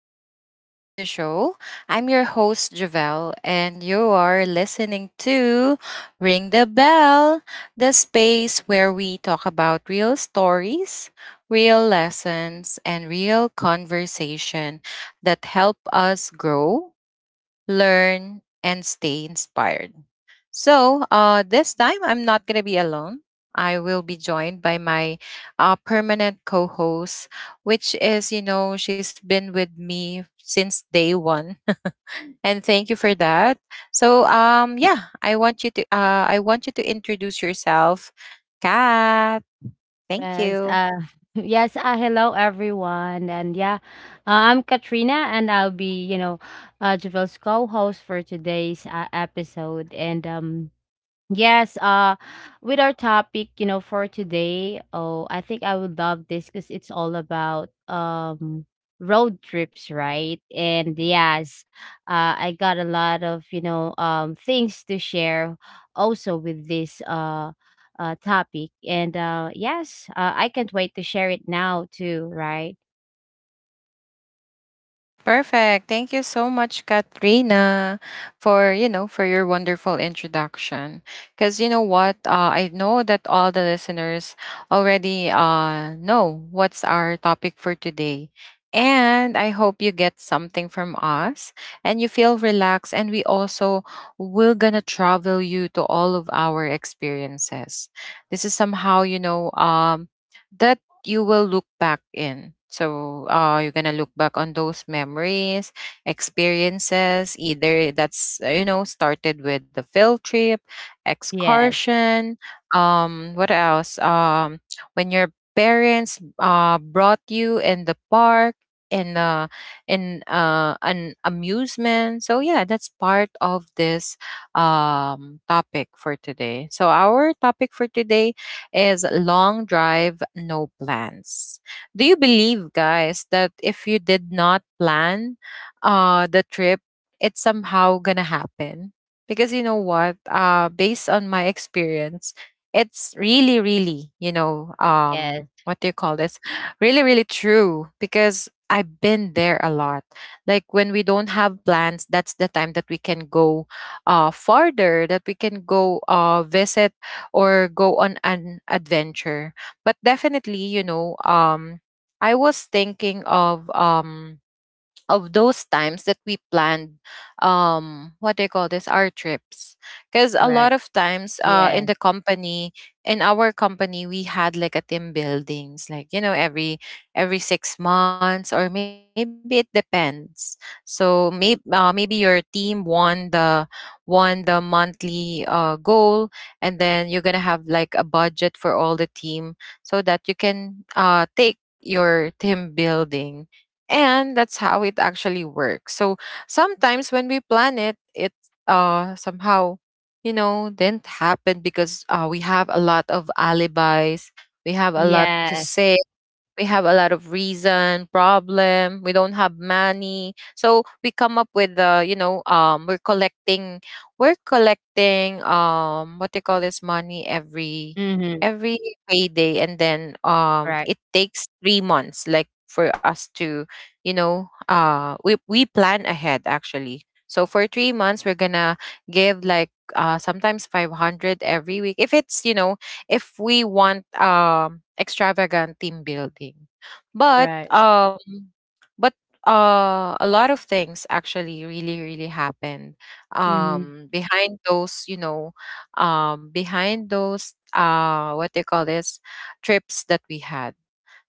welcome back to the show. I'm your host Javelle and you are listening to Ring the Bell, the space where we talk about real stories, real lessons and real conversation that help us grow learn, and stay inspired. So, this time I'm not going to be alone. I will be joined by my permanent co host, which is, you know, she's been with me since day one. And thank you for that. So, yeah, I want you to, I want you to introduce yourself, Kat. Thank Yes, you. uh, yes, hello everyone. And yeah, I'm Katrina, and I'll be Javel's co-host for today's episode. And yes, with our topic for today, oh, I think I would love this because it's all about road trips, right? And yes, I got a lot of things to share also with this topic. And yes, I can't wait to share it now too, right? Perfect. Thank you so much, Katrina, for you know for your wonderful introduction. Because you know what, I know that all the listeners already know what's our topic for today, and I hope you get something from us and you feel relaxed. And we also we're gonna travel you to all of our experiences. This is somehow you know that you will look back in. So you're gonna look back on those memories, experiences. Either that's you know started with the field trip, Yes. excursion. What else? When your parents brought you in the park, in uh in an amusement. So yeah, that's part of this topic for today. So our topic for today is long drive, no plans. Do you believe, guys, that if you did not plan the trip, it's somehow gonna happen? Because you know what? Based on my experience, it's really, really, you know, Yes. what do you call this? Really, really true. Because I've been there a lot. Like when we don't have plans, that's the time that we can go farther, that we can go visit or go on an adventure. But definitely, you know, I was thinking of those times that we planned what they call this our trips, because a lot Right. of times in Yes. the company in our company we had like a team buildings like you know every 6 months or maybe it depends. So maybe your team won the monthly goal, and then you're gonna have like a budget for all the team so that you can take your team building, and that's how it actually works. So sometimes when we plan it it somehow you know didn't happen because we have a lot of alibis, we have a lot to Yes. say, we have a lot of reason, problem we don't have money, so we come up with the you know we're collecting what they call this money Mhm. every payday, and then Right. it takes 3 months like for us to you know we plan ahead actually. So for 3 months we're gonna give like sometimes 500 every week if it's you know if we want extravagant team building. but Right. um but uh a lot of things actually really really happened Mhm. Behind those you know behind those what they call this trips that we had.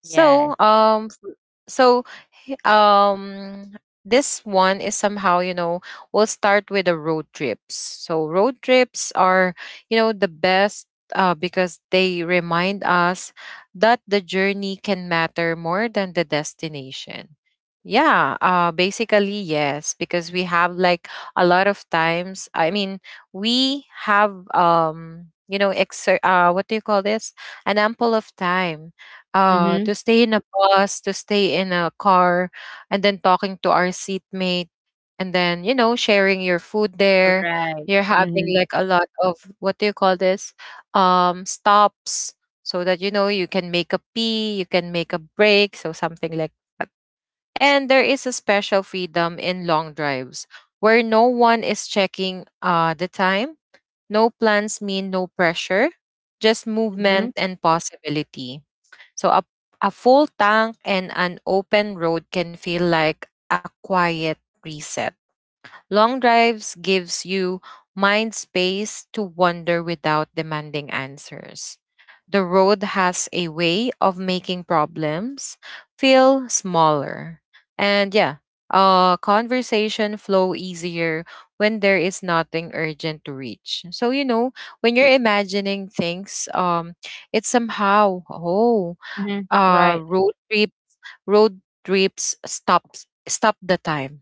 so, Yes. um, f- so, h- um, this one is somehow, you know, we'll start with the road trips. So, road trips are, you know, the best because they remind us that the journey can matter more than the destination. Yeah, basically, yes, because we have like a lot of times, I mean, we have, you know, what do you call this? An ample of time Mhm. to stay in a bus, to stay in a car, and then talking to our seatmate, and then you know sharing your food there. Right. You're having Mhm. like a lot of what do you call this? Stops so that you know you can make a pee, you can make a break, so something like that. And there is a special freedom in long drives where no one is checking the time. No plans mean no pressure, just movement Mhm. and possibility. So a full tank and an open road can feel like a quiet reset. Long drives gives you mind space to wander without demanding answers. The road has a way of making problems feel smaller. And yeah, conversation flow easier when there is nothing urgent to reach. So you know, when you're imagining things, it's somehow oh Mhm. uh Right, road trip road trips stops stop the time,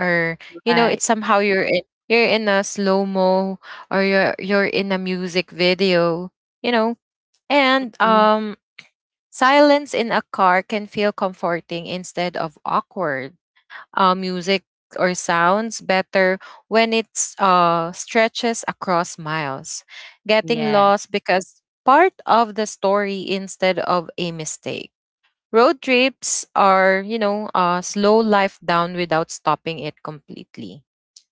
or you know it's right. somehow you're in a slow mo, or you're in a music video, you know. and Mhm. um silence in a car can feel comforting instead of awkward. Music or sounds better when it's stretches across miles, getting Yes. lost because part of the story instead of a mistake. Road trips are, you know, slow life down without stopping it completely.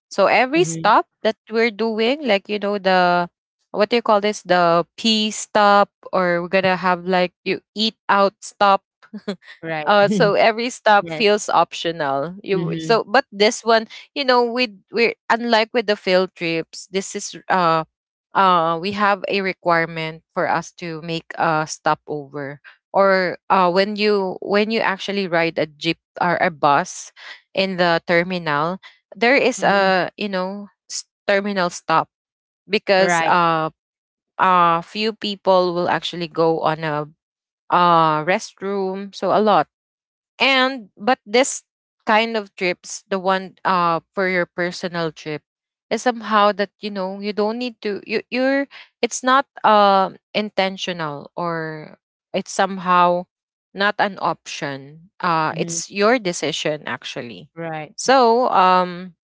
So every Mhm. stop that we're doing, like, you know, what do you call this? The pee stop, or we're going to have like you eat out stop, Right. So every stop Yes. feels optional. You Mhm. so, but this one, you know, we unlike with the field trips, this is we have a requirement for us to make a stopover. Or when you actually ride a jeep or a bus in the terminal, there is Mhm. a you know terminal stop because Right. Few people will actually go on a restroom so a lot. And but this kind of trips, the one for your personal trip, is somehow that you know you don't need to you're it's not intentional or it's somehow not an option. Mhm. It's your decision actually. Right. So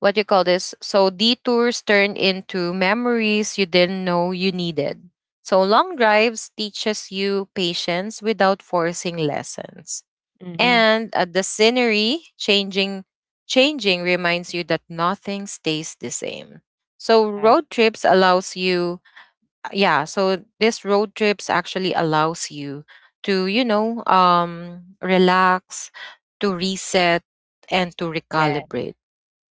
what you call this? So detours turn into memories you didn't know you needed. So long drives teaches you patience without forcing lessons. Mhm. And the scenery changing reminds you that nothing stays the same. So Right. road trips allows you yeah, so this road trips actually allows you to, you know, relax, to reset and to Yeah. recalibrate.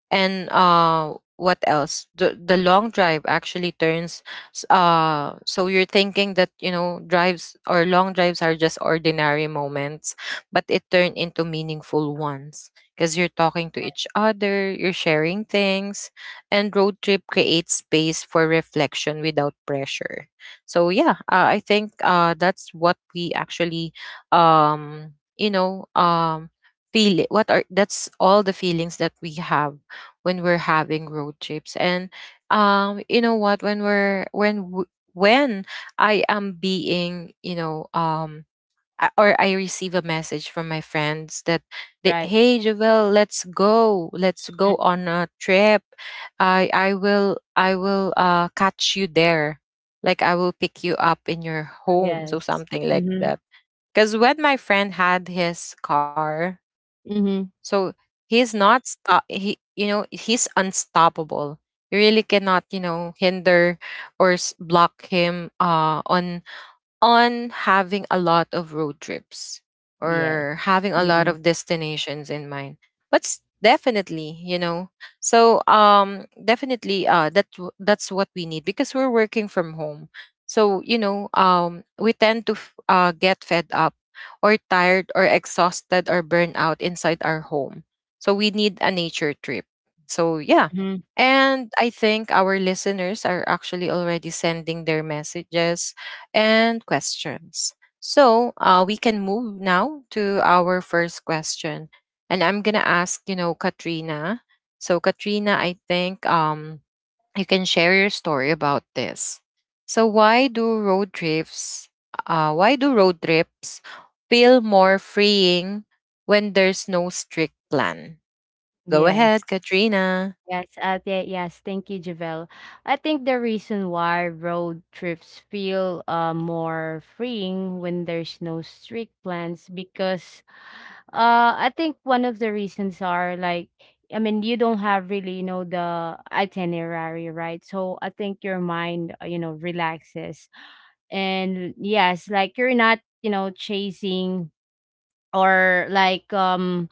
And what else? The long drive actually turns. So you're thinking that you know drives or long drives are just ordinary moments, but it turned into meaningful ones because you're talking to each other, you're sharing things, and road trip creates space for reflection without pressure. So yeah, I think that's what we actually you know feel. What are that's all the feelings that we have when we're having road trips. And you know what when we're when I am being you know or I receive a message from my friends that they, Right. hey Jovel, let's Mm. go on a trip, I will catch you there, like I will pick you up in your Oh, home, so yes. something like Mhm. that. Because when my friend had his car, Mhm. so he's not stop. He, you know, he's unstoppable. You really cannot, you know, hinder or block him. On having a lot of road trips Yes. or having a lot Mhm. of destinations in mind. But definitely you know so definitely that's what we need because we're working from home. So you know we tend to get fed up or tired or exhausted or burnt out inside our home, so we need a nature trip, so yeah. Mhm. And I think our listeners are actually already sending their messages and questions. So we can move now to our first question. And I'm going to ask, you know, Katrina. So, Katrina, I think you can share your story about this. So, why do road trips, why do road trips feel more freeing when there's no strict plan? Go ahead, Yes. Katrina. Yes, yeah, yes. Thank you, Javel. I think the reason why road trips feel more freeing when there's no strict plans, because I think one of the reasons are, like, I mean, you don't have really the itinerary, right? So I think your mind relaxes. And yes, like, you're not chasing, or like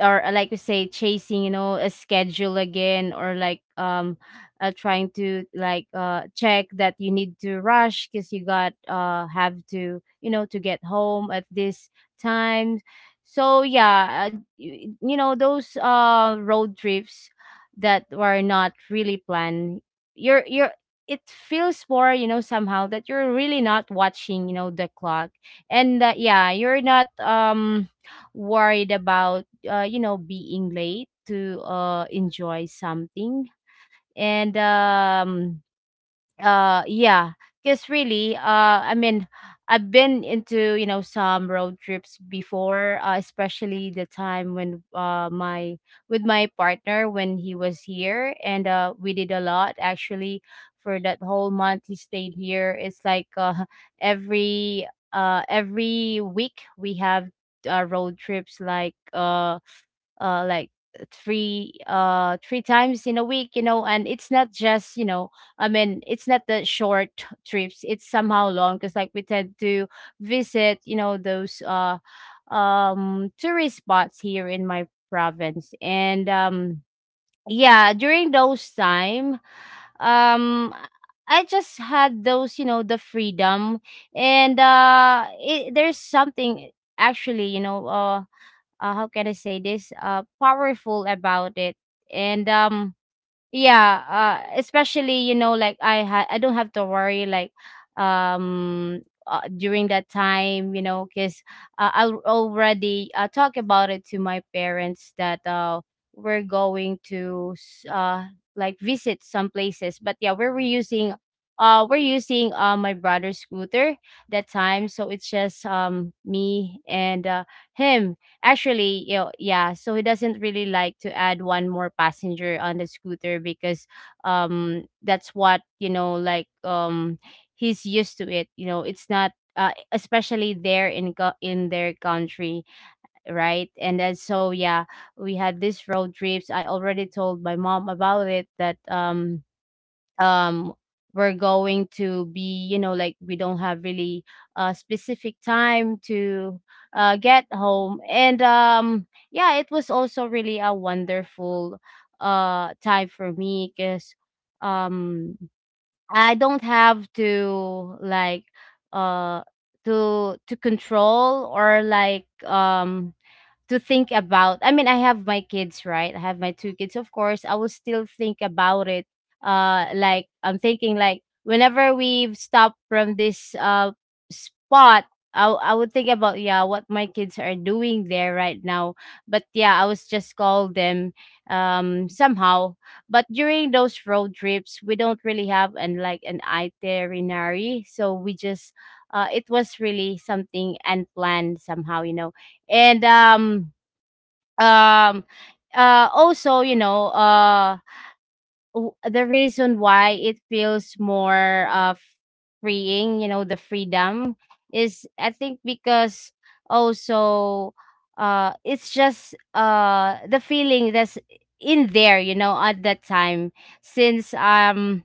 or like, you say chasing a schedule again, or like trying to, like, check that you need to rush because you got have to to get home at this time. So yeah, you know those road trips that were not really planned, you're it feels more somehow that you're really not watching the clock, and that, yeah, you're not worried about, being late to enjoy something. And yeah, because really, I mean, I've been into, you know, some road trips before, especially the time when my with my partner, when he was here. And we did a lot, actually, for that whole month he stayed here. It's like, every every week we have road trips, like like, three times in a week, you know. And it's not just I mean, it's not the short trips. It's somehow long because, like, we tend to visit, you know, those tourist spots here in my province. And yeah, during those time, um I just had those, you know, the freedom. And there's something, actually, you know, how can I say this, powerful about it. And yeah, especially, you know, like, I don't have to worry, like, during that time, you know, because I already talk about it to my parents, that we're going to like visit some places. But yeah, we were using we're using my brother's scooter that time. So it's just, me and him. Actually, you know, yeah, so he doesn't really like to add one more passenger on the scooter, because that's what, you know, like he's used to it. You know, it's not, especially there in in their country, right? And then, so yeah, we had this road trips. I already told my mom about it that um we're going to be, you know, like, we don't have really a specific time to get home. And yeah, it was also really a wonderful time for me because um I don't have to, like, uh to control, or like, to think about. I mean, I have my kids, right? I have my two kids, of course I will still think about it. Like, I'm thinking, like, whenever we've stopped from this spot, I would think about, yeah, what my kids are doing there right now. But yeah, I was just call them, somehow. But during those road trips, we don't really have an, like, an itinerary. So we just, it was really something unplanned, somehow, you know. And um also, you know, the reason why it feels more freeing, you know, the freedom, is, I think, because also, it's just the feeling that's in there, you know, at that time, since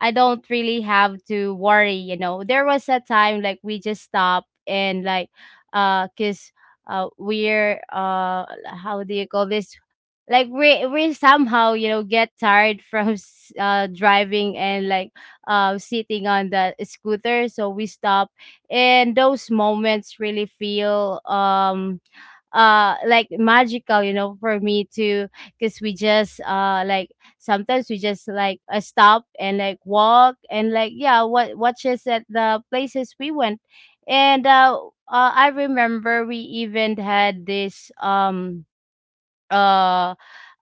I don't really have to worry, you know. There was a time, like, we just stopped, and, like, because, we're, how do you call this, like, we somehow, you know, get tired from driving, and, like, sitting on the scooter, so we stop. And those moments really feel, like, magical, you know, for me too, because we just, like, sometimes we just, like, stop, and, like, walk, and, like, yeah, what watches at the places we went. And I remember we even had this uh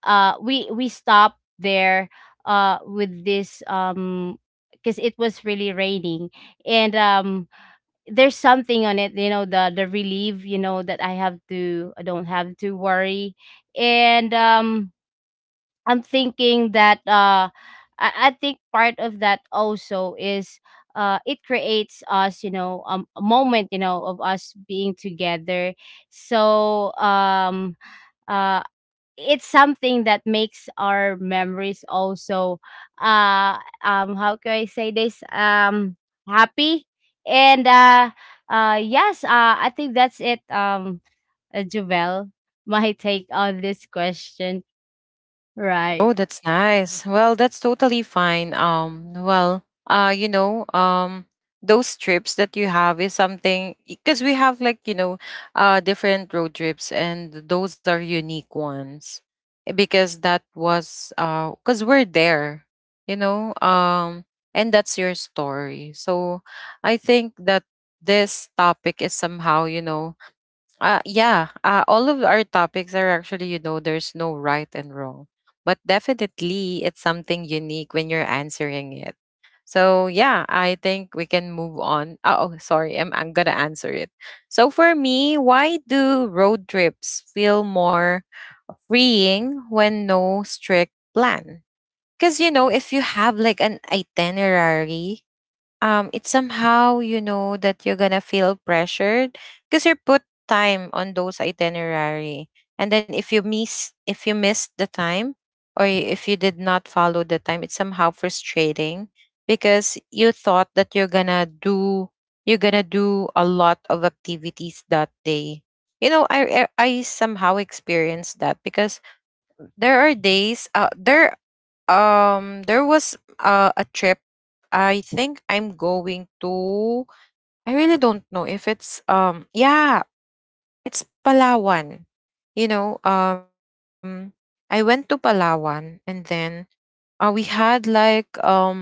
we stopped there with this, because it was really raining. And there's something on it, you know, the relief, you know, that I don't have to worry. And I'm thinking that, I think part of that also is, it creates us, you know, a moment, you know, of us being together. So, uh, it's something that makes our memories also, uh how can I say this, happy. And yes, I think that's it. Jovel, my take on this question, right? Oh, that's nice. Well, that's totally fine. Well, you know, those trips that you have is something because we have like, you know, different road trips and those are unique ones. Eh, because that was because we're there, you know, and that's your story. So I think that this topic is somehow, you know, yeah, all of our topics are actually, you know, there's no right and wrong, but definitely it's something unique when you're answering it. So yeah, I think we can move on. Oh, oh, sorry, I'm gonna answer it. So for me, why do road trips feel more freeing when no strict plan? Because you know, if you have like an itinerary, it's somehow you know that you're gonna feel pressured because you put time on those itinerary. And then if you miss if you missed the time, or if you did not follow the time, it's somehow frustrating because you thought that you're gonna do a lot of activities that day. You know, I somehow experienced that because there are days, there was a trip. I think I'm going to, I really don't know if it's, yeah, it's Palawan. You know, I went to Palawan, and then we had like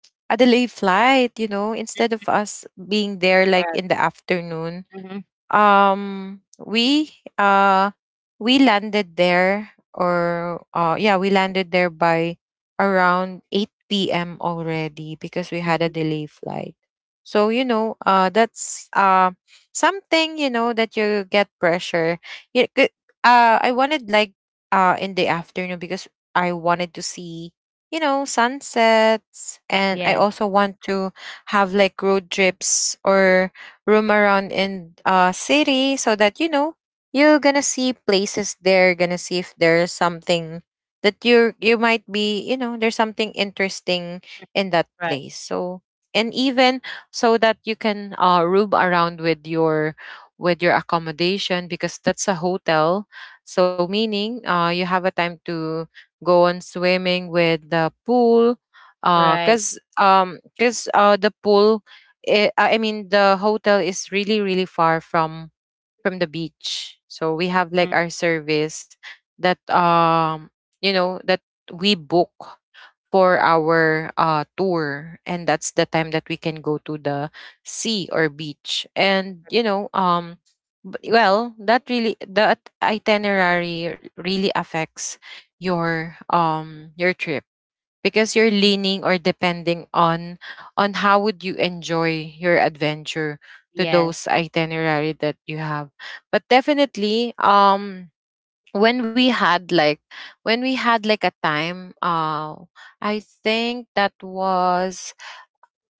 a delay flight. You know, instead of us being there like in Right. the afternoon, Mm-hmm. um we uh we landed there, or yeah we landed there by around 8 p.m. already because we had a Hmm. delay flight. So you know, that's something, you know, that you get pressure. Yeah. I wanted like, in the afternoon, because I wanted to see, you know, sunsets, and I Yes. also want to have like road trips, or roam around in city, so that you know you're gonna see places there, gonna see if there's something that you might be, you know, there's something interesting in that Right. place. So, and even, so that you can roam around with your accommodation, because that's a hotel. So meaning, you have a time to go on swimming with the pool. Uh Right. cuz cuz the pool it, I mean, the hotel is really really far from the beach. So we have like our service that, you know, that we book for our tour, and that's the time that we can go to the sea or beach. And you know, well, that really the at- itinerary really affects your trip, because you're Mm-hmm. leaning or depending on how would you enjoy your adventure to Yes. those itinerary that you have. But definitely, when we had like, a time, I think that was—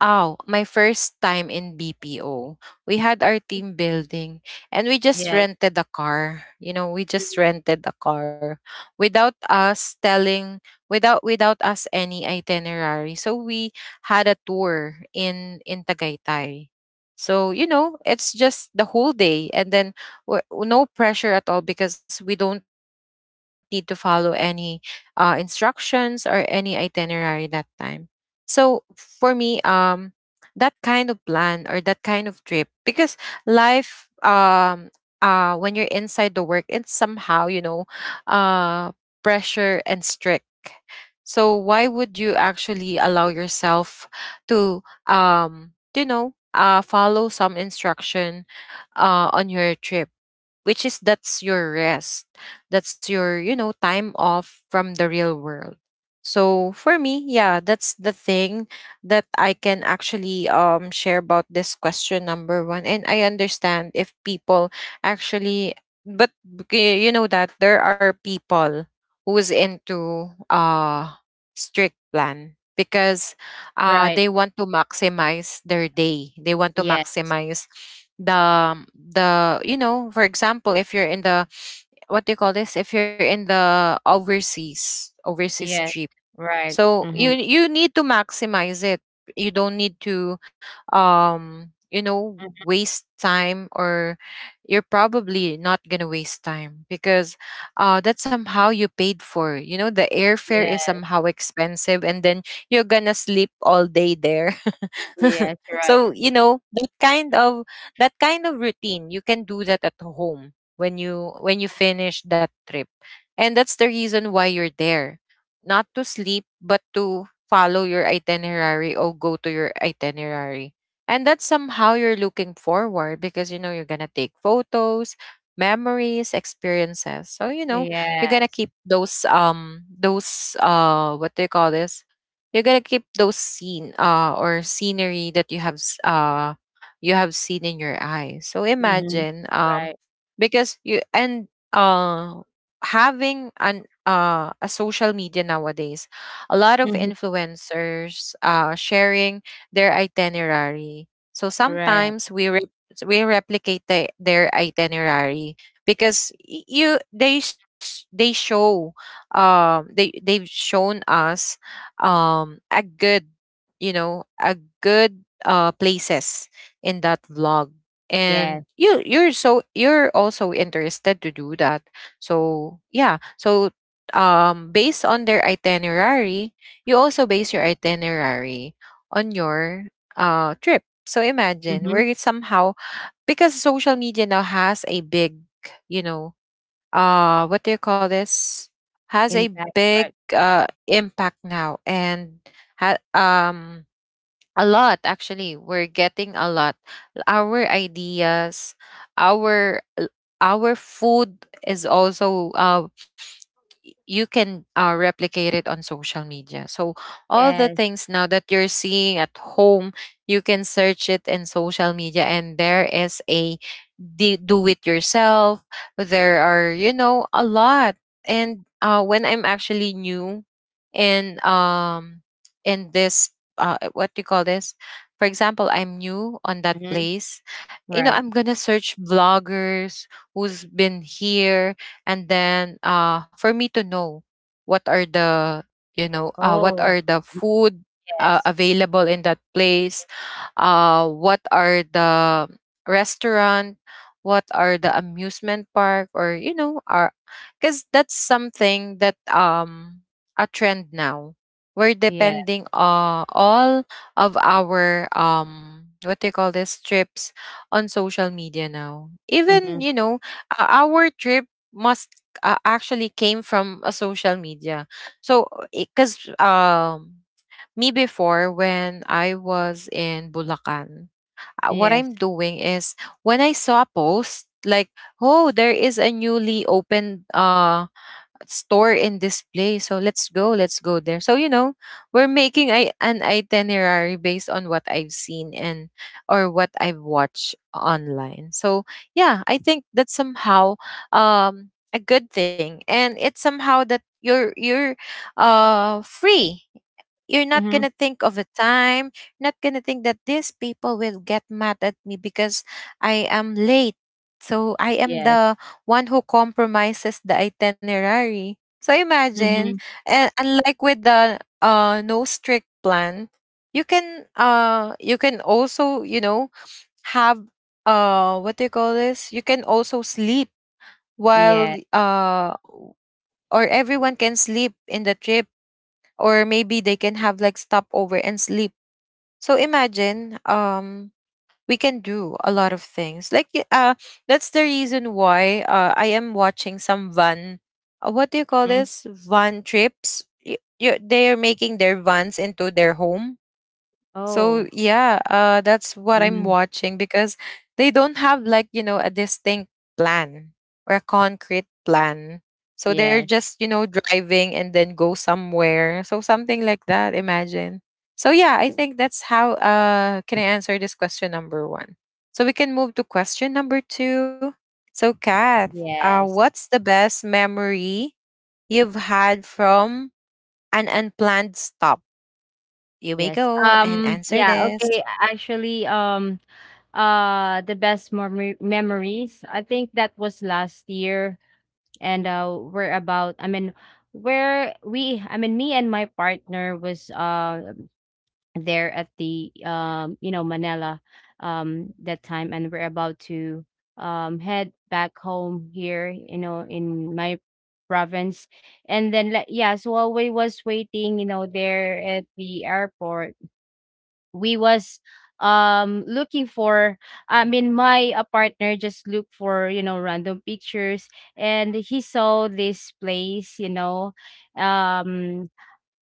oh, my first time in BPO. We had our team building, and we just Yes. rented a car. You know, we Mhm. just rented a car without us telling without without us any itinerary. So we had a tour in Tagaytay. So, you know, it's just the whole day, and then, no pressure at all, because we don't need to follow any instructions or any itinerary that time. So for me, that kind of plan or that kind of trip, because life when you're inside the work, it's somehow, you know, uh pressure and strict. So why would you actually allow yourself to, you know, follow some instruction on your trip, which is, that's your rest, that's your, you know, time off from the real world. So for me, yeah, that's the thing that I can actually share about this question number 1. And I understand if people actually— but you know that there are people who is into, uh strict plan, because, Right. they want to maximize their day. They want to Yes. maximize for example, if you're in the— what do you call this? If you're in the overseas Yes. trip, Right. so Mm-hmm. You need to maximize it. You don't need to, you know, waste time, or you're probably not going to waste time, because that's somehow you paid for. You know the airfare is Yes. somehow expensive, and then you're going to sleep all day there. Yes. Right. So you know, that kind of, routine you can do that at home when you, finish that trip. And that's the reason why you're there, not to sleep but to follow your itinerary or go to your itinerary. And that's somehow you're looking forward, because you know you're gonna take photos, memories, experiences. So you know you're gonna Yes. keep those, those, what do you call this, you're gonna keep those scenery that you have, you have seen in your eyes. So Mm-hmm. imagine, Right. because you— and having an a social media nowadays, a lot of Mhm. influencers sharing their itinerary, so Right. sometimes we, we replicate their itinerary, because y- you they they show, they've shown us, a good, you know, a good places in that vlog. And Yes. You're— so you're also interested to do that. So yeah, so, based on their itinerary, you also base your itinerary on your trip. So imagine, Mhm. we're somehow, because social media now has a big, you know, what do you call this, has a Impact, big right. Impact now. And, ha- um a lot, actually we're getting a lot, our ideas, our our food is also you can, replicate it on social media. So all the Yes. things now that you're seeing at home, you can search it in social media, and there is a do it yourself. There are, you know, a lot. And, when I'm actually new in, in this, what do you call this? For example, I'm new on that Mhm. place. You know, Right. I'm gonna search vloggers who's been here, and then, for me to know what are the, you know, what Oh. are the food, Yes. available in that place, what are the restaurant, what are the amusement park, or you know, are— because that's something that, a trend now, we're Yeah. depending all of our, what do you call this, trips on social media now. Even, Mhm. you know, our trip must, actually came from a social media. So, because, me before, when I was in Bulacan, what I'm Yes. doing is, when I saw a post like, oh, there is a newly opened store and display, so let's go there. So you know, we're making I an itinerary based on what I've seen, and or what I've watched online. So yeah, I think that's somehow, a good thing. And it's somehow that you're free, you're not going Mhm. to think of a time. You're not going to think that these people will get mad at me because I am late. So I am Yes. the one who compromises the itinerary. So imagine. Mhm. And unlike with the, no strict plan, you can, also, you know, have, what do you call this? You can also sleep while, Yeah. Or everyone can sleep in the trip, or maybe they can have like stopover and sleep. So imagine, we can do a lot of things, like that's the reason why I am watching some van, what do you call Mhm. this, van trips. They are making their vans into their home, so Oh. yeah, that's what I'm Mhm. watching, because they don't have like, you know, a distinct plan or a concrete plan. So they're Yes. just, you know, driving and then go somewhere. So something like that. Imagine. So yeah, I think that's how. Can I answer this question number one? So we can move to question number 2. So Kath, Yes. what's the best memory you've had from an unplanned stop? You may Yes. go and answer Yeah, this. okay. Actually, the best memory memories, I think that was last year. And, we're about, I mean, where we, I mean, me and my partner was there at the, you know, Manila, that time, and we're about to head back home here, you know, in my province. And then, like, yeah, so while we was waiting, you know, there at the airport, we was looking for, I mean, my, partner just looked for, you know, random pictures, and he saw this place, you know. Um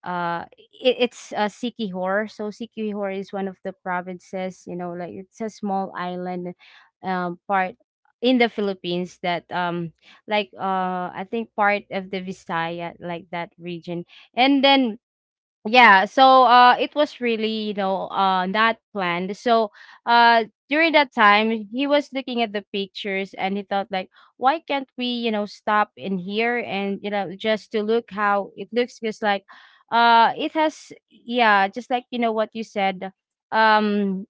it, it's Sikihor. So Sikihor is one of the provinces, you know, like, it's a small island part in the Philippines that, like, I think part of the Visaya, like, that region. And then, yeah, so it was really, you know, not planned. So, during that time, he was looking at the pictures, and he thought, like, why can't we, you know, stop in here, and, you know, just to look how it looks, because, like, it has, yeah, just like, you know, what you said. Um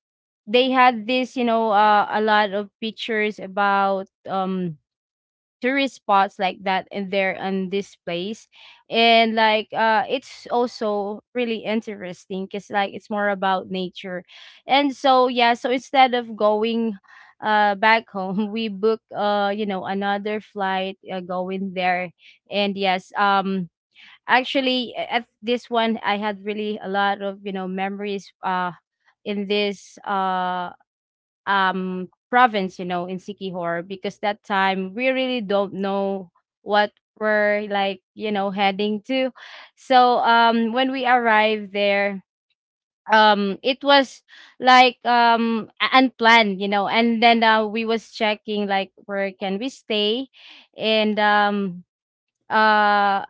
they had this, you know, a lot of pictures about tourist spots like that in there are on this place. And, like, it's also really interesting, because, like, it's more about nature. And so yeah, so instead of going back home, we book, you know, another flight, going there. And yes, actually, at this one, I had really a lot of, you know, memories in this, province, you know, in Sikihor, because that time we really don't know what we're, like, you know, heading to. So, when we arrived there, it was, like, unplanned, you know, and then, we was checking like where can we stay. And uh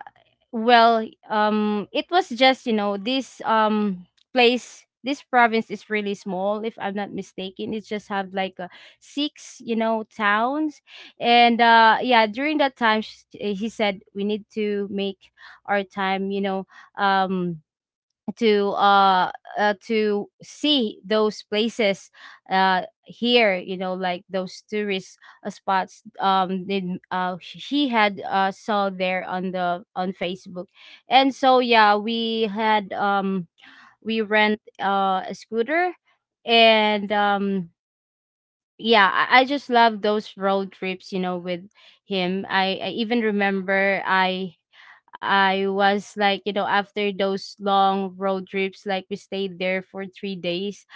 well, it was just, you know, this, place, this province is really small. If I'm not mistaken, it just have, like, six, you know, towns. And yeah, during that time, he said we need to make our time, you know, um to uh, to see those places, here, you know, like those tourist, spots, then she had saw there on the on Facebook. And so yeah, we had, we rent a scooter. And yeah, I just love those road trips, you know, with him. I even remember, I was like, you know, after those long road trips, like, we stayed there for 3 days.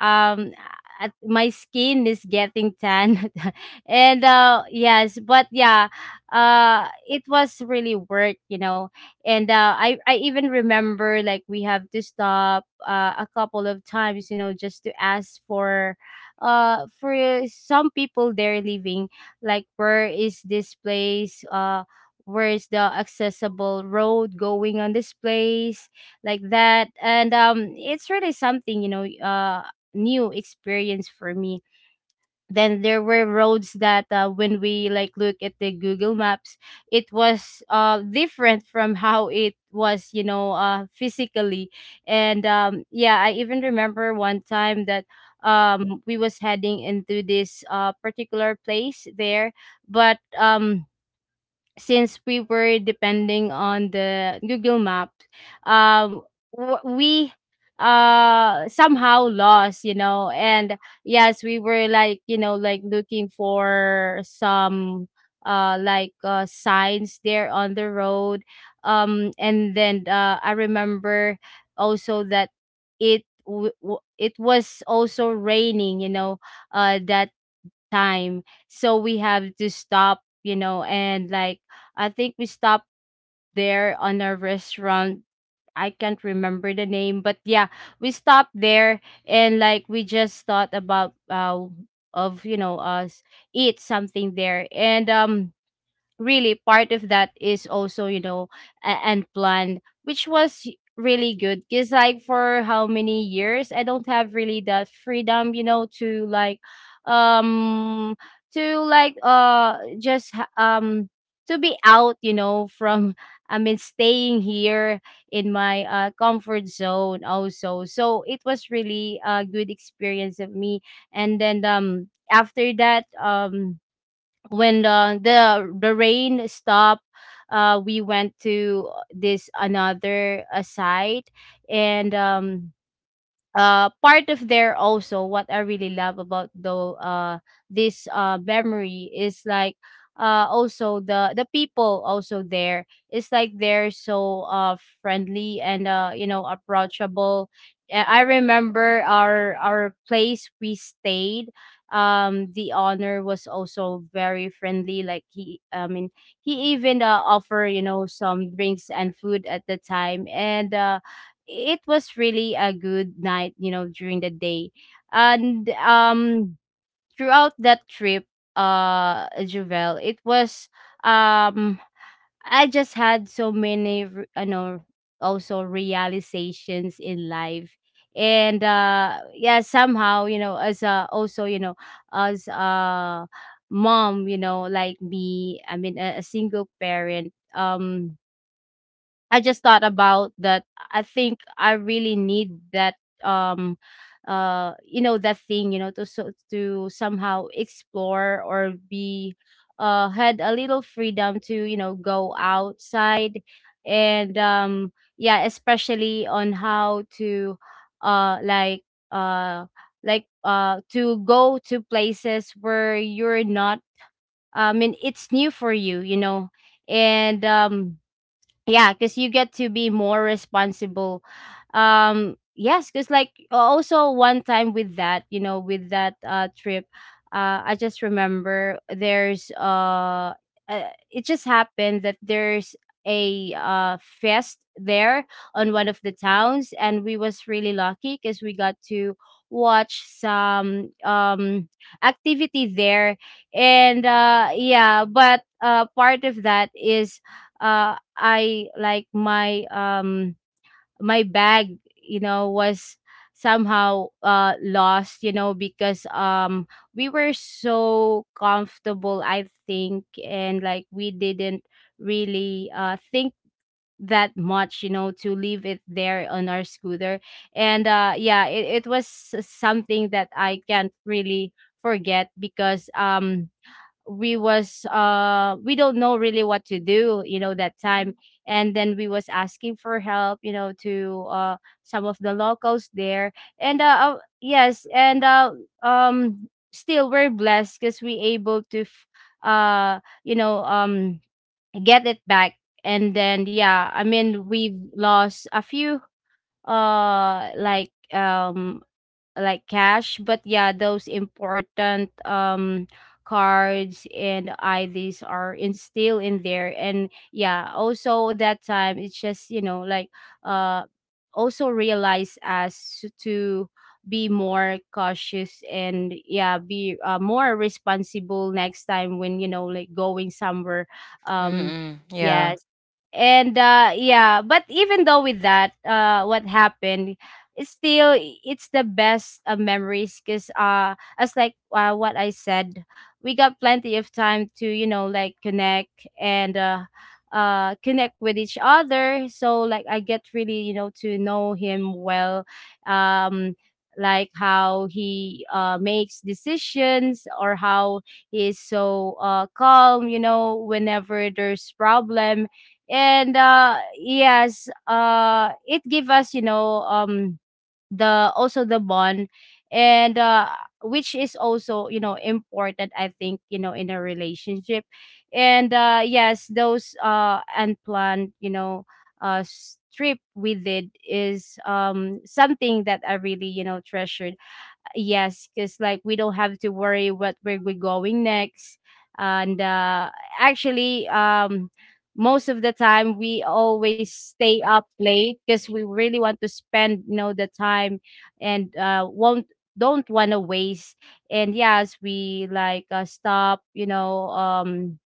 um at my skin is getting tan and yes, but yeah, it was really worth, you know. And I even remember, like, we have to stop, a couple of times, you know, just to ask for, some people they're leaving, like, where is this place, where is the accessible road going on this place, like that. And it's really something, you know, new experience for me. Then there were roads that when we like look at the Google Maps, it was different from how it was, you know, physically. And yeah, I even remember one time that we was heading into this particular place there, but since we were depending on the Google Map, um, w- we somehow lost, you know. And yes, we were like, you know, like looking for some signs there on the road. And then I remember also that it was also raining, you know, that time. So we have to stop, you know, and like I think we stopped there on a restaurant. I can't remember the name, but yeah, we stopped there and like we just thought about of you know us eat something there. And really part of that is also, you know, and planned, which was really good because like for how many years I don't have really that freedom, you know, to like, um to like uh just ha- um to be out, you know, from, I mean, staying here in my comfort zone also. So it was really a good experience of me. And then, after that, when the rain stopped, we went to this another site. And part of there also, what I really love about, though, this memory is like, also the people also there, it's like they're so friendly and, you know, approachable. I remember our place we stayed. The owner was also very friendly. Like he, I mean, he even offer, you know, some drinks and food at the time. And it was really a good night, you know, during the day. And throughout that trip, Juvel, it was, um I just had so many you know, also realizations in life. And yeah, somehow, you know, as a also, you know, as a mom, you know, like me, I mean, a single parent. I just thought about that. I think I really need that, um you know, that thing, you know, to to somehow explore or be, had a little freedom to, you know, go outside. And yeah, especially on how to, uh like uh to go to places where you're not, I mean, it's new for you, you know. And yeah, because you get to be more responsible. Yes, because like also one time with that, you know, with that trip, I just remember there's, it just happened that there's a fest there on one of the towns, and we was really lucky because we got to watch some activity there. And yeah, but part of that is, I like my, my bag, you know, was somehow lost, you know, because we were so comfortable, I think, and like we didn't really think that much, you know, to leave it there on our scooter. And yeah, it was something that I can't really forget because, we don't know really what to do, you know, that time. And then we was asking for help, you know, to some of the locals there. And uh uh, yes and uh um still we're blessed because we able to uh you know, get it back. And then, yeah, I mean we've lost a few, uh like um cash, but yeah, those important cards and IDs are in, still in there. And yeah, also that time, it's just, you know, like, uh also realize as to be more cautious. And yeah, be more responsible next time when, you know, like going somewhere. Mm, um mm, yeah. yes. And yeah, but even though with that, what happened, still it's the best memories because, as like, what I said, we got plenty of time to, you know, like connect and, connect with each other. So like I get really, you know, to know him well. um like how he makes decisions or how he is so calm, you know, whenever there's problem. And yes, it give us, you know, the also the bond. And which is also, you know, important, I think, you know, in a relationship. And yes, those unplanned, you know, trip we did is, something that I really, you know, treasured. Yes, because like we don't have to worry what where we're going next. And actually, most of the time we always stay up late because we really want to spend, you know, the time. And won't don't want to waste. And yes, we like stop, you know,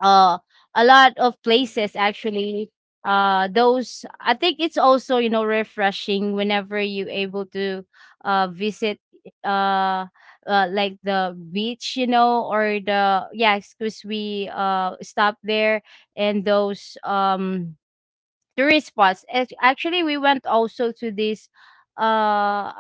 uh a lot of places actually. Those, I think, it's also, you know, refreshing whenever you able to visit, uh, like the beach, you know, or the, yeah, excuse we stop there. And those tourist spots. Actually, we went also to this uh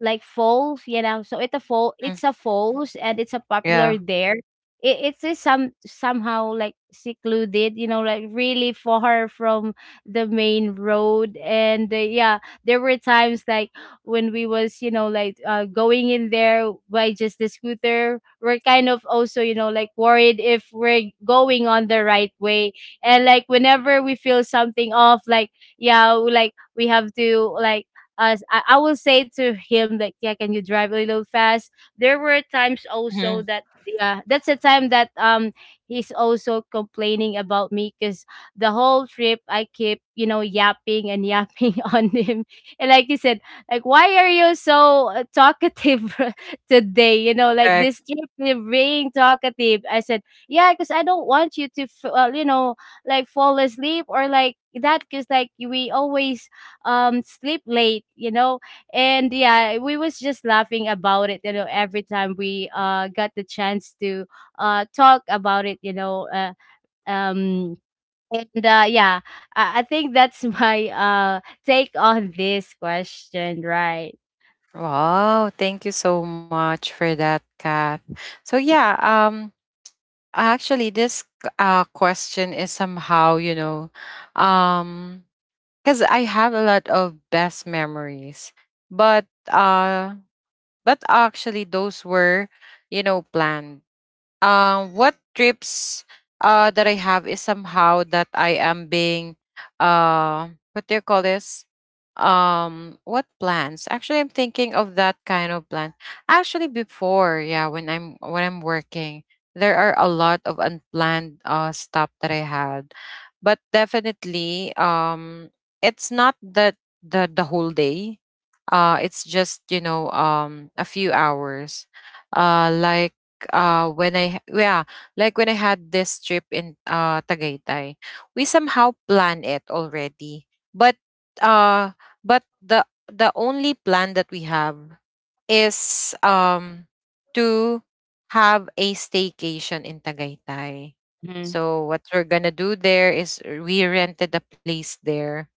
like falls, you know. So it's a fall, Mm, it's a falls, and it's a popular yeah. there. It's somehow like secluded, you know, like really far from the main road. And yeah, there were times like when we was, you know, like, going in there by just the scooter, we're kind of also, you know, like worried if we're going on the right way. And like whenever we feel something off, like, yeah, like we have to like, as I will say to him like, yeah, can you drive a little fast? There were times Mhm, also that, yeah, that's the time that, he's also complaining about me because the whole trip I keep, you know, yapping and yapping on him, and like he said, like, why are you so talkative today? You know, like correct. this trip you're being talkative. I said, yeah, because I don't want you to you know, like fall asleep or like that because like we always sleep late, you know. And yeah, we was just laughing about it, you know, every time we got the chance to talk about it, you know. Uh, um and uh yeah I-, I think that's my take on this question, right? Wow, thank you so much for that, Kath. So yeah, actually, this question is somehow, you know, um cuz I have a lot of best memories. But, uh but actually those were, you know, planned. What trips that I have is somehow that I am being, what do you call this, what plans? Actually, I'm thinking of that kind of plan. Actually before, yeah, when I'm working, there are a lot of unplanned stuff that I had. But definitely, it's not that the whole day. It's just, you know, a few hours, uh like uh when i h- yeah like when I had this trip in Tagaytay. We somehow plan it already, but, uh but the only plan that we have is, to have a staycation in Tagaytay. Mm-hmm. So what we're gonna do there is, we rented a place there,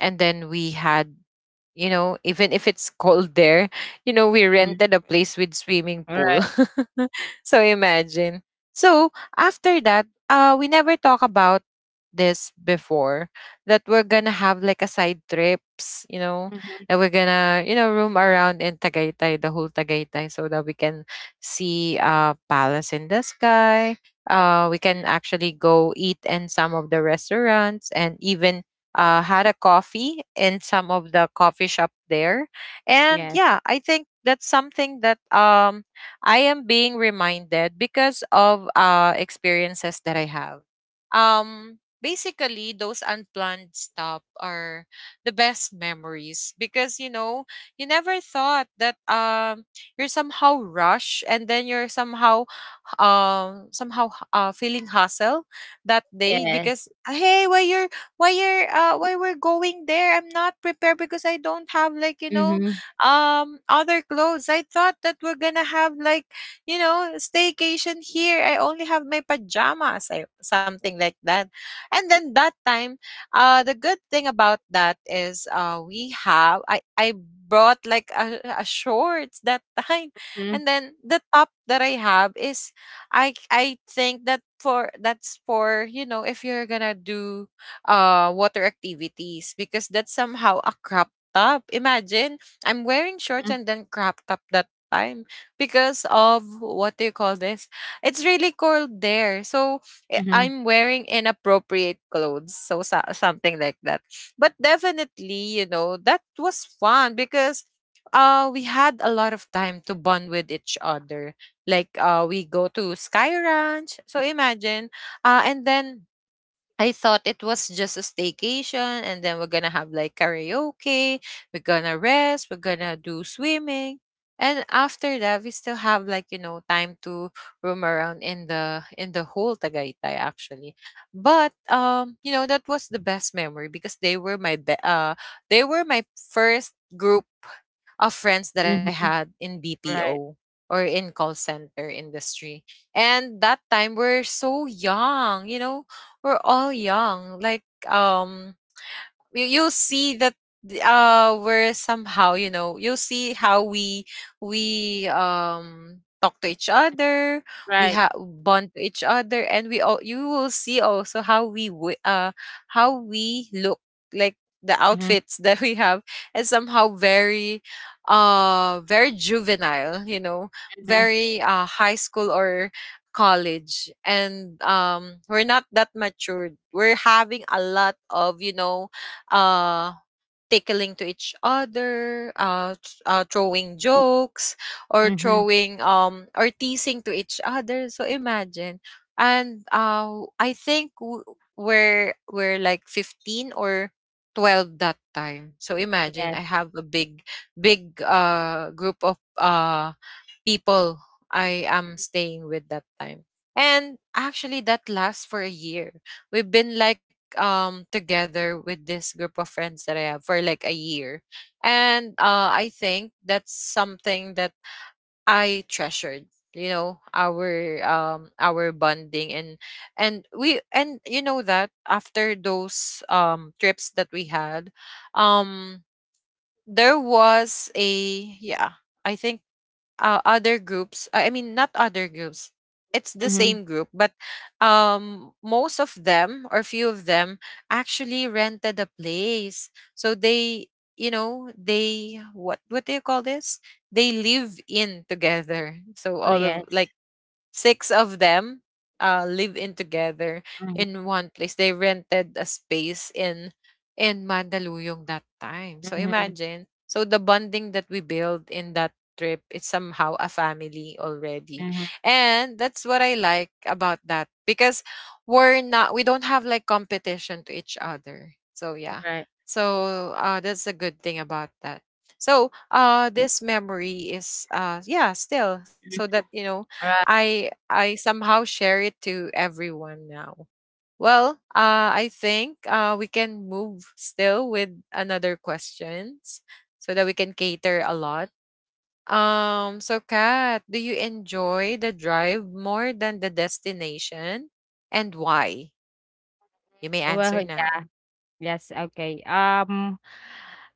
and then we had, you know, even if it's cold there you know, we rented a place with swimming pool. Right. So imagine. So after that, we never talk about this before, that we're gonna have like a side trips, you know, Mm-hmm. that we're gonna, you know, roam around in Tagaytay, the whole Tagaytay, so that we can see palace in the sky. We can actually go eat in some of the restaurants, and even, had a coffee in some of the coffee shop there. And Yes, yeah, I think that's something that, I am being reminded because of, experiences that I have. Those unplanned stop are the best memories because you never thought that you're somehow rushed and then you're somehow somehow feeling hustle that day yes. because hey why we're going there. I'm not prepared because I don't have like Mm-hmm. Other clothes. I thought that we're gonna have like staycation here. I only have my pajamas, something like that. And then that time, the good thing about that is we have I brought like a shorts that time, Mm-hmm. and then the top that I have is I think that for that's for if you're gonna do water activities, because that's somehow a crop top. Imagine I'm wearing shorts and then crop top that time because of what do you call this? It's really cold there, so Mm-hmm. I'm wearing inappropriate clothes. So something like that. But definitely, you know, that was fun because we had a lot of time to bond with each other. Like we go to Sky Ranch. So imagine, and then I thought it was just a staycation and then we're gonna have like karaoke, we're gonna rest, we're gonna do swimming. And after that we still have like, you know, time to roam around in the whole Tagaytay actually. But you know, that was the best memory because they were my first group of friends that I Hmm. had in Right, BPO or in call center industry. And that time we're so young, you know, we're all young. Like you'll see that we're somehow, you know, you'll see how we talk to each other, we right. have bond to each other, and we all, you will see also how how we look like, the Mm-hmm. outfits that we have is somehow very very juvenile, you know, Mm-hmm. very high school or college. And we're not that matured. We're having a lot of, you know, uh, tickling to each other, throwing jokes, or Mm-hmm. throwing or teasing to each other. So imagine, and I think we're like 15 or 12 that time. So imagine, Yes. I have a big big group of people I am staying with that time. And actually that lasts for a year. We've been like together with this group of friends that I have for like a year. And I think that's something that I treasured, you know, our bonding. And we and you know that after those trips that we had, um there was a, yeah, I think other groups, I mean not other groups, it's the Mm-hmm. same group, but most of them or few of them actually rented a place, so they, you know, they what do you call this, they live in together. So all of Yes. like six of them live in together Mm-hmm. in one place. They rented a space in Mandaluyong that time. So Mm-hmm. imagine, so the bonding that we build in that trip is somehow a family already. Mm-hmm. And that's what I like about that because we don't have like competition to each other. So yeah, Right. so that's a good thing about that. So this memory is yeah, still, so that you know I somehow share it to everyone now. Well, I think we can move still with another questions so that we can cater a lot. So Kat, do you enjoy the drive more than the destination, and why? You may Well, answer now. yes, okay.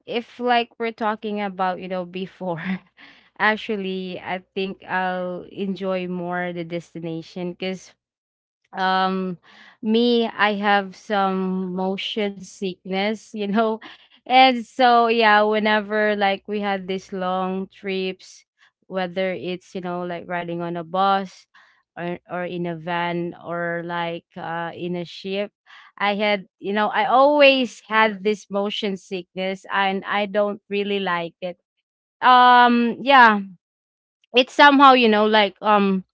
If like we're talking about, you know, before, actually, I think I'll enjoy more the destination because, um me, I have some motion sickness, you know and so, yeah, whenever like we had these long trips, whether it's, you know, like riding on a bus, or in a van, or like in a ship, I had, you know, I always had this motion sickness and I don't really like it. Yeah, it's somehow, you know, like, um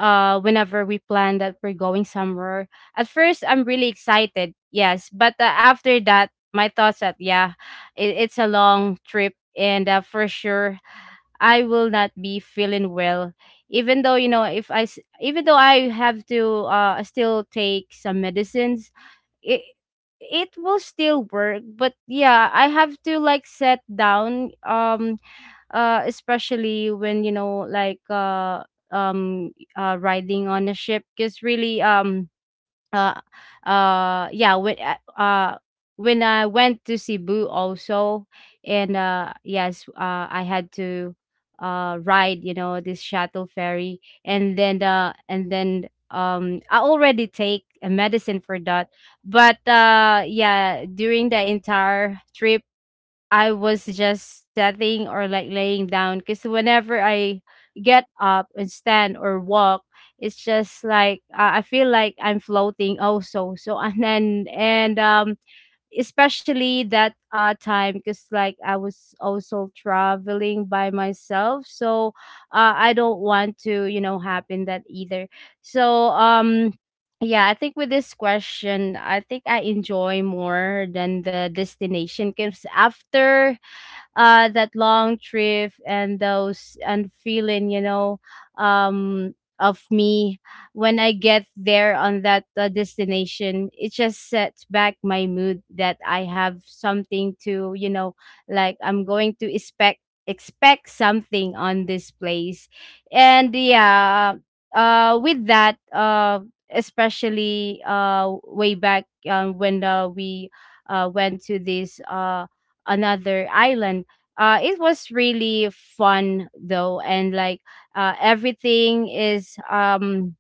uh whenever we plan that we're going somewhere, at first I'm really excited, yes, but after that my thoughts that yeah, it's a long trip, and for sure I will not be feeling well. Even though, you know, if even though I have to still take some medicines, it it will still work. But yeah, I have to like set down. Especially when, you know, like, riding on a ship because really. Um uh uh yeah when uh uh, when I went to Cebu also, and yes, I had to ride, you know, this shuttle ferry. And then I already take a medicine for that. But yeah, during the entire trip I was just sitting or like laying down because whenever I get up and stand or walk, it's just like, I feel like I'm floating also. So and then and especially that time because I was also traveling by myself. So I don't want to happen that either. so um yeah, I think with this question, I think I enjoy more than the destination because after that long trip and those and feeling of me, when I get there on that destination, it just sets back my mood that I have something to like I'm going to expect something on this place. And yeah, with that especially way back, when we went to this another island. It was really fun though, and everything is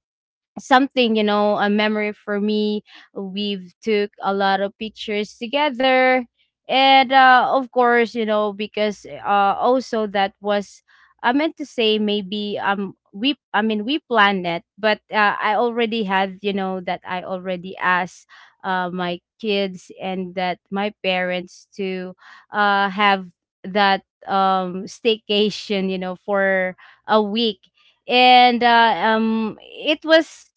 something, you know, a memory for me. We've took a lot of pictures together. And of course, you know, because also that was, I meant to say maybe, we I mean, we planned it. But I already had, you know, that I already asked my kids and that my parents to have that staycation, you know, for a week. And it was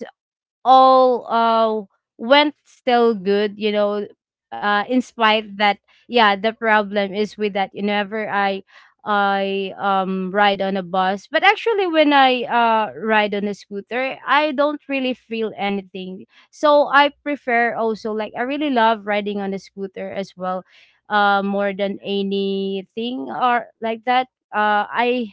all went still good, you know, in spite that. Yeah, the problem is with that, whenever I ride on a bus. But actually, when I ride on a scooter, I don't really feel anything. So I prefer also, like, I really love riding on a scooter as well, more than anything or like that. uh i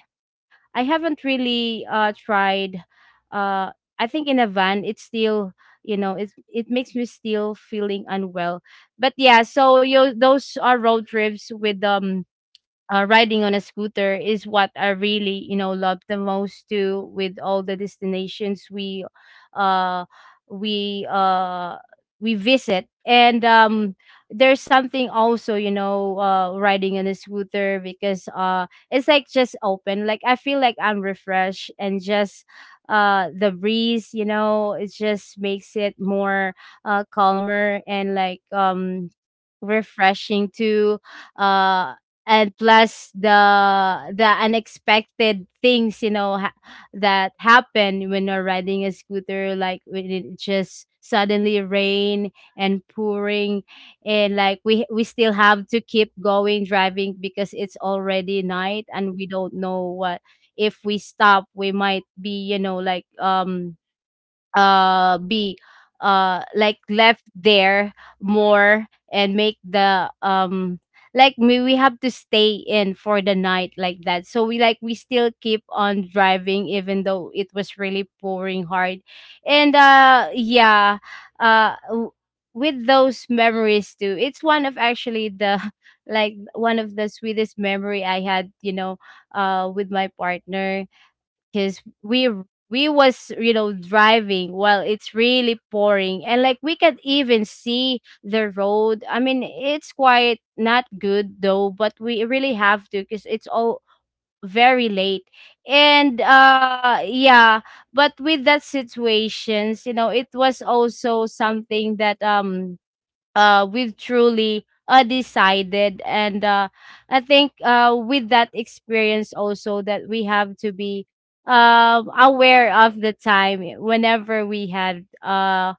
I haven't really tried uh I think in a van, it's still, you know, it's it makes me still feeling unwell. But yeah, so you, those are road trips with riding on a scooter is what I really, you know, love the most too. With all the destinations uh, we uh, we visit. And there's something also, you know, riding on a scooter because it's like just open. Like I feel like I'm refreshed and just the breeze, you know, it just makes it more calmer, and refreshing too. uh and plus the unexpected things, you know, that happen when you're riding a scooter. Like when it just suddenly rain and pouring, and like we still have to keep going driving because it's already night, and we don't know what. If we stop, we might be, you know, be like left there more, and make the like we have to stay in for the night like that. So we like we still keep on driving even though it was really pouring hard. And yeah, uh w- with those memories too, it's one of actually the like one of the sweetest memory I had, you know, with my partner. Because we was, you know, driving while it's really pouring, and like we could even see the road. I mean, it's quite not good though, but we really have to because it's all very late. And yeah, but with that situations, you know, it was also something that we've truly decided. And I think with that experience also, that we have to be aware of the time whenever we had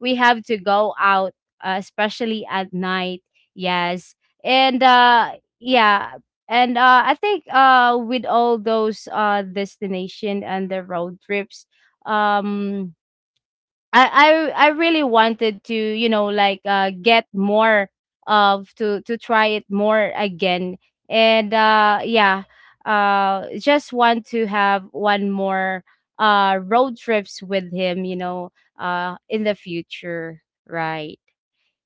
we have to go out, especially at night. Yes. And yeah. And I think with all those destination and the road trips, um I really wanted to, you know, like get more of, to try it more again. And yeah, just want to have one more road trips with him, you know, in the future, right?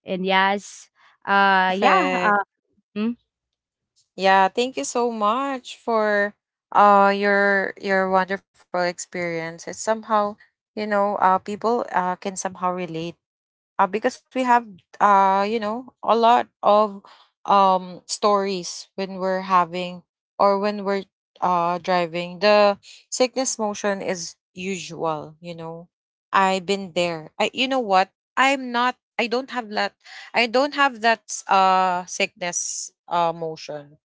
And yes, uh yeah, Perfect. uh mm, Yeah, thank you so much for your wonderful experience. It's somehow, you know, people can somehow relate, because we have you know a lot of stories when we're having or when we're driving. The sickness motion is usual, you know, I've been there. I You know what, I don't have that, I don't have that sickness motion.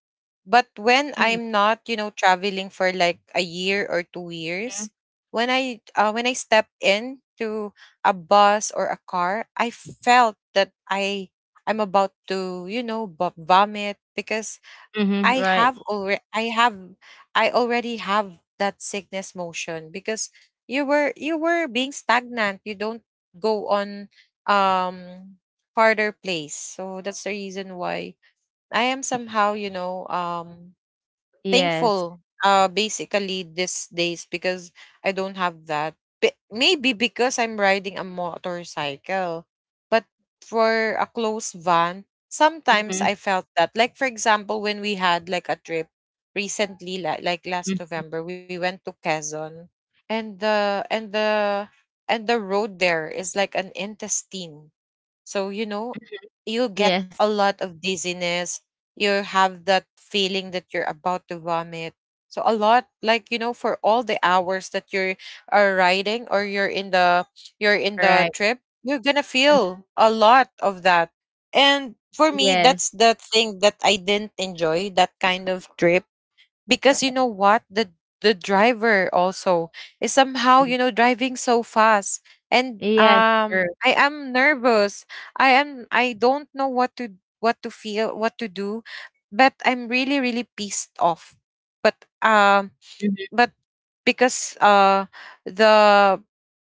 But when mm, I'm not, you know, traveling for like a year or two mm, years, when I step into a bus or a car, I felt that I'm about to, you know, vomit because mhm, right. I have, I already have that sickness motion because you were being stagnant. You don't go on um farther place. So that's the reason why I am somehow, you know, Yes. thankful, basically these days because I don't have that. Maybe because I'm riding a motorcycle, but for a close van, sometimes Mhm, I felt that. Like for example, when we had like a trip recently, like last mhm. November, we went to Quezon, and the road there is like an intestine, so, you know, you get Yes, a lot of dizziness. You have that feeling that you're about to vomit. So a lot, like, you know, for all the hours that you are riding or you're in the, you're in right. the trip, you're going to feel a lot of that. And for me, Yes. that's the thing that I didn't enjoy that kind of trip because you know what, the driver also is mm, somehow, you know, driving so fast. And yes, sure. I am nervous, I don't know what to, what to feel, what to do, but I'm really really pissed off. But um Mhm, but because the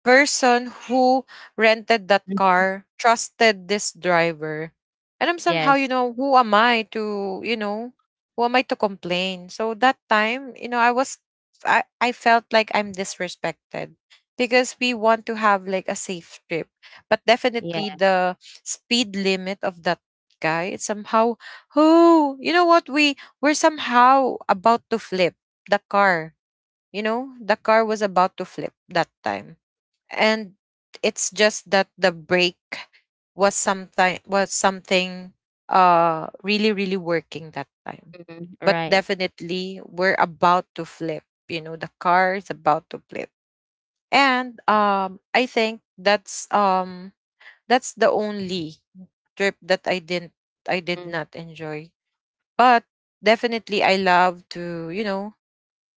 person who rented that mhm, car trusted this driver, and I'm somehow, yes. you know, who am I to, you know, who am I to complain. So that time, you know, I felt like I'm disrespected because we want to have like a safe trip, but Yeah. definitely the speed limit of that guy, it's somehow, who, you know what, we, we're somehow about to flip the car. You know, the car was about to flip that time. And it's just that the brake was sometime, was something really, really working that time. Mhm, But right. definitely we're about to flip. You know, the car is about to flip. And I think that's the only trip that I did Mhm. not enjoy. But definitely I love to, you know,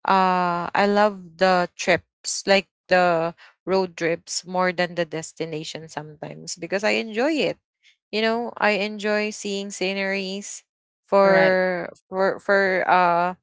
I love the trips, like the road trips more than the destination sometimes because I enjoy it. You know, I enjoy seeing sceneries Right. for for for uh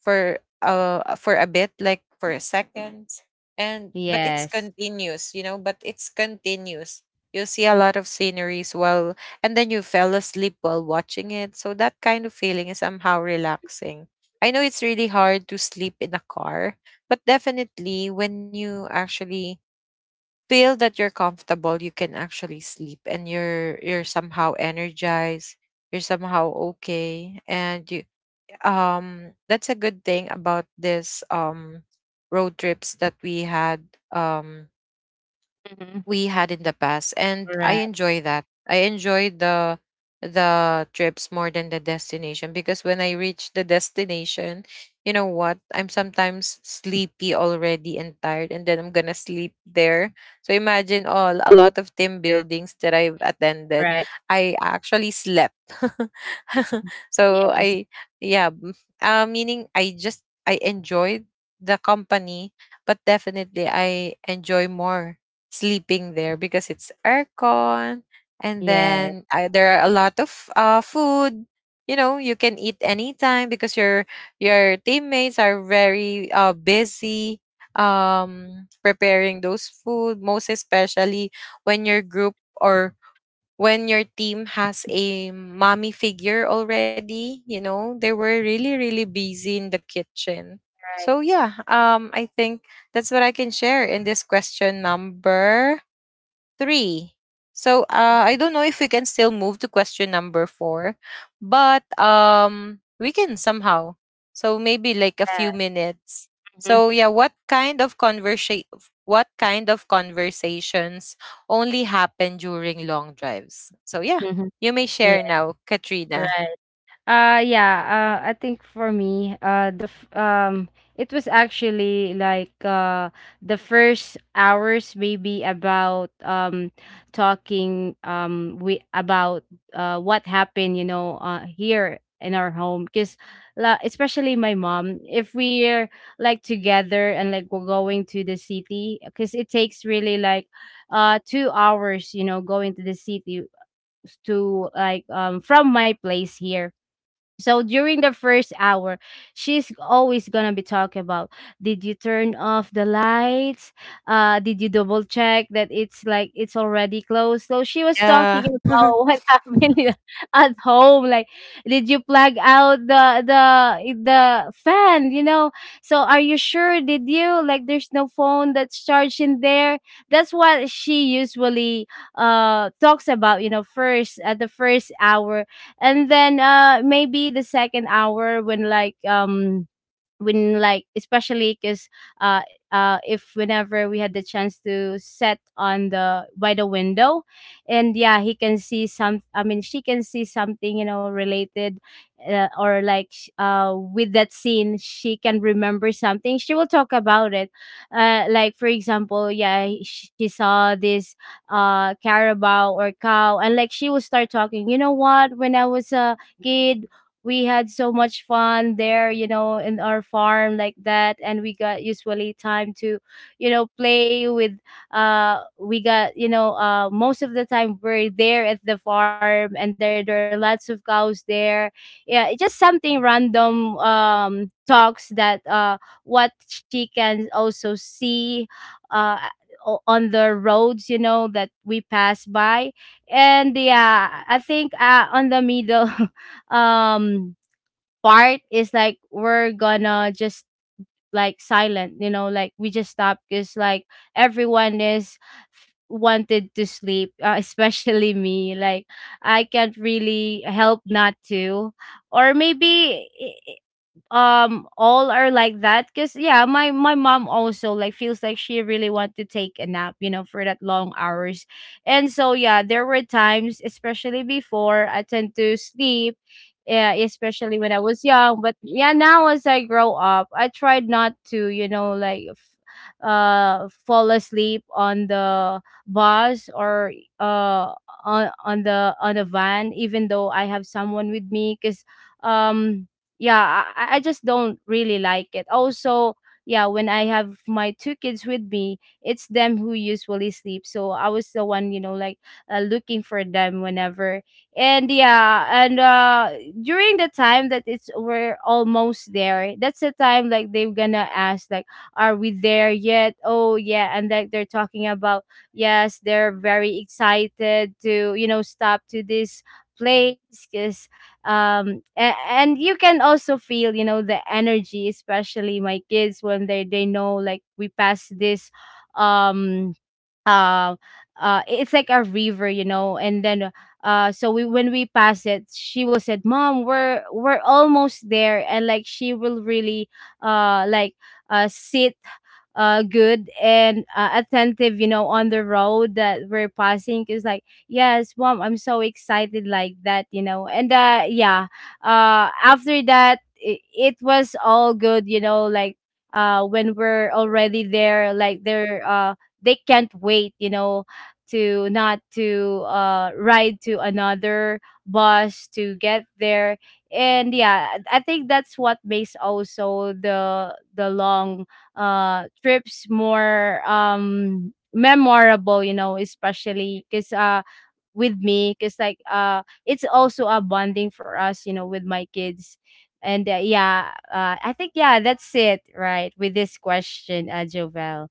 for a bit, like for a seconds, and but it's Yes. continuous, you know, but it's continuous. You'll see a lot of sceneries while, and then you fell asleep while watching it. So that kind of feeling is somehow relaxing. I know it's really hard to sleep in a car, but definitely when you actually feel that you're comfortable, you can actually sleep and you're somehow energized, you're somehow okay. And you that's a good thing about this road trips that we had, um Mhm. we had in the past. And I Right, enjoy that, I enjoy the trips more than the destination because when I reach the destination, you know what, I'm sometimes sleepy already and tired, and then I'm gonna sleep there. So imagine all, a lot of team buildings that I've attended, right. I actually slept. So Yes, yeah m- meaning I enjoyed the company, but definitely I enjoy more sleeping there because it's aircon. And yes. then there are a lot of food, you know, you can eat anytime because your teammates are very busy preparing those food, most especially when your group or when your team has a mommy figure already. You know, they were really really busy in the kitchen. Right. So yeah, I think that's what I can share in this question number three. So I don't know if we can still move to question number four, but we can somehow. So maybe like a few Yeah. minutes. Mhm, So yeah, what kind of conversation? What kind of conversations only happen during long drives? So yeah, mhm. you may share Yes, now, Katrina. right. Yeah, I think for me, it was actually like the first hours, maybe about talking we about what happened, you know, here in our home. Because especially my mom, if we're like together and like we're going to the city, because it takes really like 2 hours, you know, going to the city to like from my place here. So during the first hour, she's always gonna be talking about, did you turn off the lights? Did you double check that it's like it's already closed? So she was talking Yeah. about what happened at home. Like did you plug out the the fan, you know? So, are you sure, did you? Like there's no phone that's charged in there. That's what she usually talks about, you know, first at the first hour. And then maybe the second hour, when when like, especially because uh if whenever we had the chance to set on the by the window. And yeah, he can see some, I mean, she can see something, you know, related, or like with that scene, she can remember something, she will talk about it. Like for example, yeah, she saw this carabao or cow, and like she will start talking, you know what, when I was a kid, we had so much fun there, you know, in our farm, like that. And we got usually time to, you know, play with, we got, you know, most of the time we're there at the farm, and there are lots of cows there. Yeah, it's just something random talks that what she can also see uh on the roads, you know, that we pass by. And yeah, I think on the middle um part is like we're gonna just like silent, you know, like we just stop because like everyone is wanted to sleep, especially me. Like I can't really help not to, or maybe all are like that because, yeah, my mom also like feels like she really want to take a nap, you know, for that long hours. And so yeah, there were times especially before, I tend to sleep. Yeah, especially when I was young. But yeah, now as I grow up, I tried not to, you know, like fall asleep on the bus or uh on the van, even though I have someone with me because um yeah, I just don't really like it also. Yeah, when I have my two kids with me, it's them who usually sleep, so I was the one, you know, like looking for them whenever. And yeah, and during the time that it's we're almost there, that's the time like they're gonna ask like, are we there yet? Oh yeah, and like they're talking about, yes, they're very excited to, you know, stop to this place because and you can also feel, you know, the energy, especially my kids, when they know like we passed this um um it's like a river, you know, and then so we when we pass it, she will said, mom, we're almost there. And like she will really uh like sit good, and attentive, you know, on the road that we're passing. Is like, yes mom, I'm so excited, like that, you know. And yeah, after that, it was all good, you know. Like when we're already there, they can't wait, you know, to not to ride to another bus to get there. And yeah, I think that's what makes also the long trips more memorable, you know, especially because with me, because like it's also a bonding for us, you know, with my kids. And yeah, I think, yeah, that's it, right, with this question, Jovel.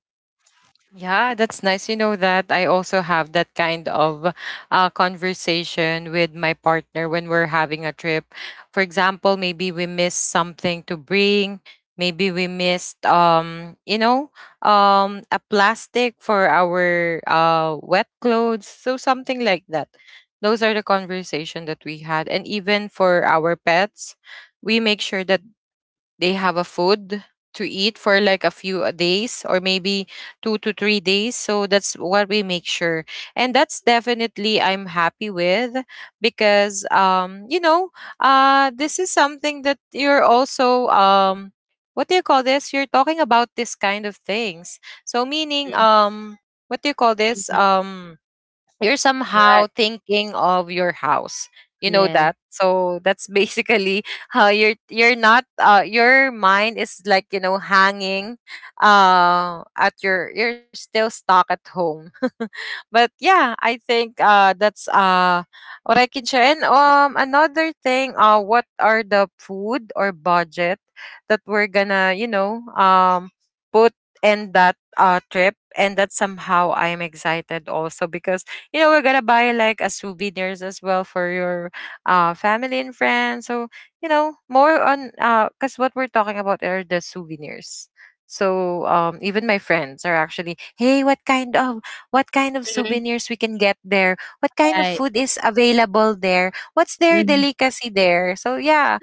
Yeah, that's nice. You know that I also have that kind of conversation with my partner when we're having a trip. For example, maybe we missed something to bring. Maybe we missed, you know, a plastic for our wet clothes. So something like that. Those are the conversation that we had, and even for our pets, we make sure that they have a food to eat for like a few days or maybe 2 to 3 days. So that's what we make sure, and that's definitely I'm happy with because you know, this is something that you're also what do you call this, you're talking about this kind of things. So meaning Mhm, what do you call this, mhm. You're somehow Right. thinking of your house, you know Yes. that. So that's basically how you're not your mind is like, you know, hanging at your, you're still stuck at home. But yeah, I think that's what I can share. And another thing, what are the food or budget that we're gonna, you know, put in that trip. And that somehow I'm excited also because, you know, we're gonna buy like a souvenirs as well for your family and friends. So you know, more on because what we're talking about are the souvenirs. So even my friends are actually, hey, what kind of Mhm. souvenirs we can get there, what kind of Right. food is available there, what's their Mhm. delicacy there. So yeah,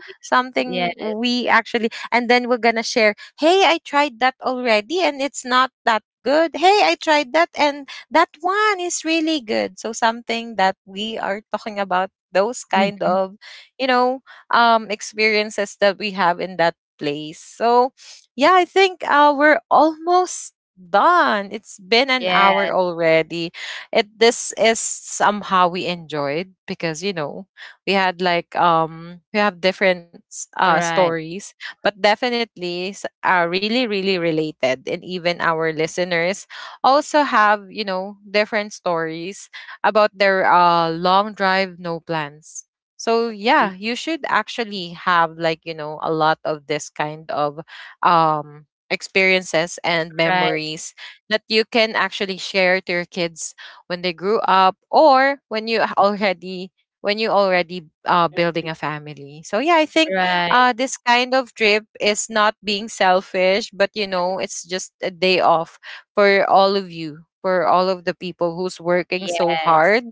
Yeah. something we actually, and then we're gonna share, hey, I tried that already and it's not that good, hey, I tried that and that one is really good. So something that we are talking about, those kind Mhm. of, you know, experiences that we have in that place. So yeah, I think we're almost done. It's been an Yes. hour already. It This is somehow we enjoyed because, you know, we had like we have different Right. stories, but definitely are really really related. And even our listeners also have, you know, different stories about their long drive, no plans. So Mm. yeah, you should actually have like, you know, a lot of this kind of experiences and Right. memories that you can actually share to your kids when they grew up, or when you already, when you already building a family. So yeah, I think Right. This kind of trip is not being selfish, but you know, it's just a day off for all of you, for all of the people who's working so Yes. hard.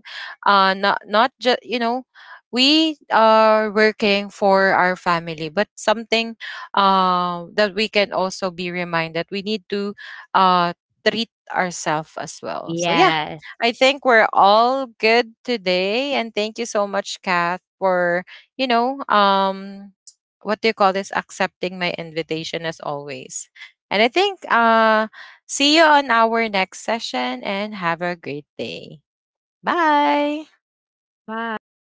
Not just you know, we are working for our family, but something that we can also be reminded we need to uh, treat ourselves as well. So yeah. Yes. I think we're all good today, and thank you so much Kath for, you know, what do you call this, accepting my invitation as always. And I think see you on our next session and have a great day. Bye. Bye,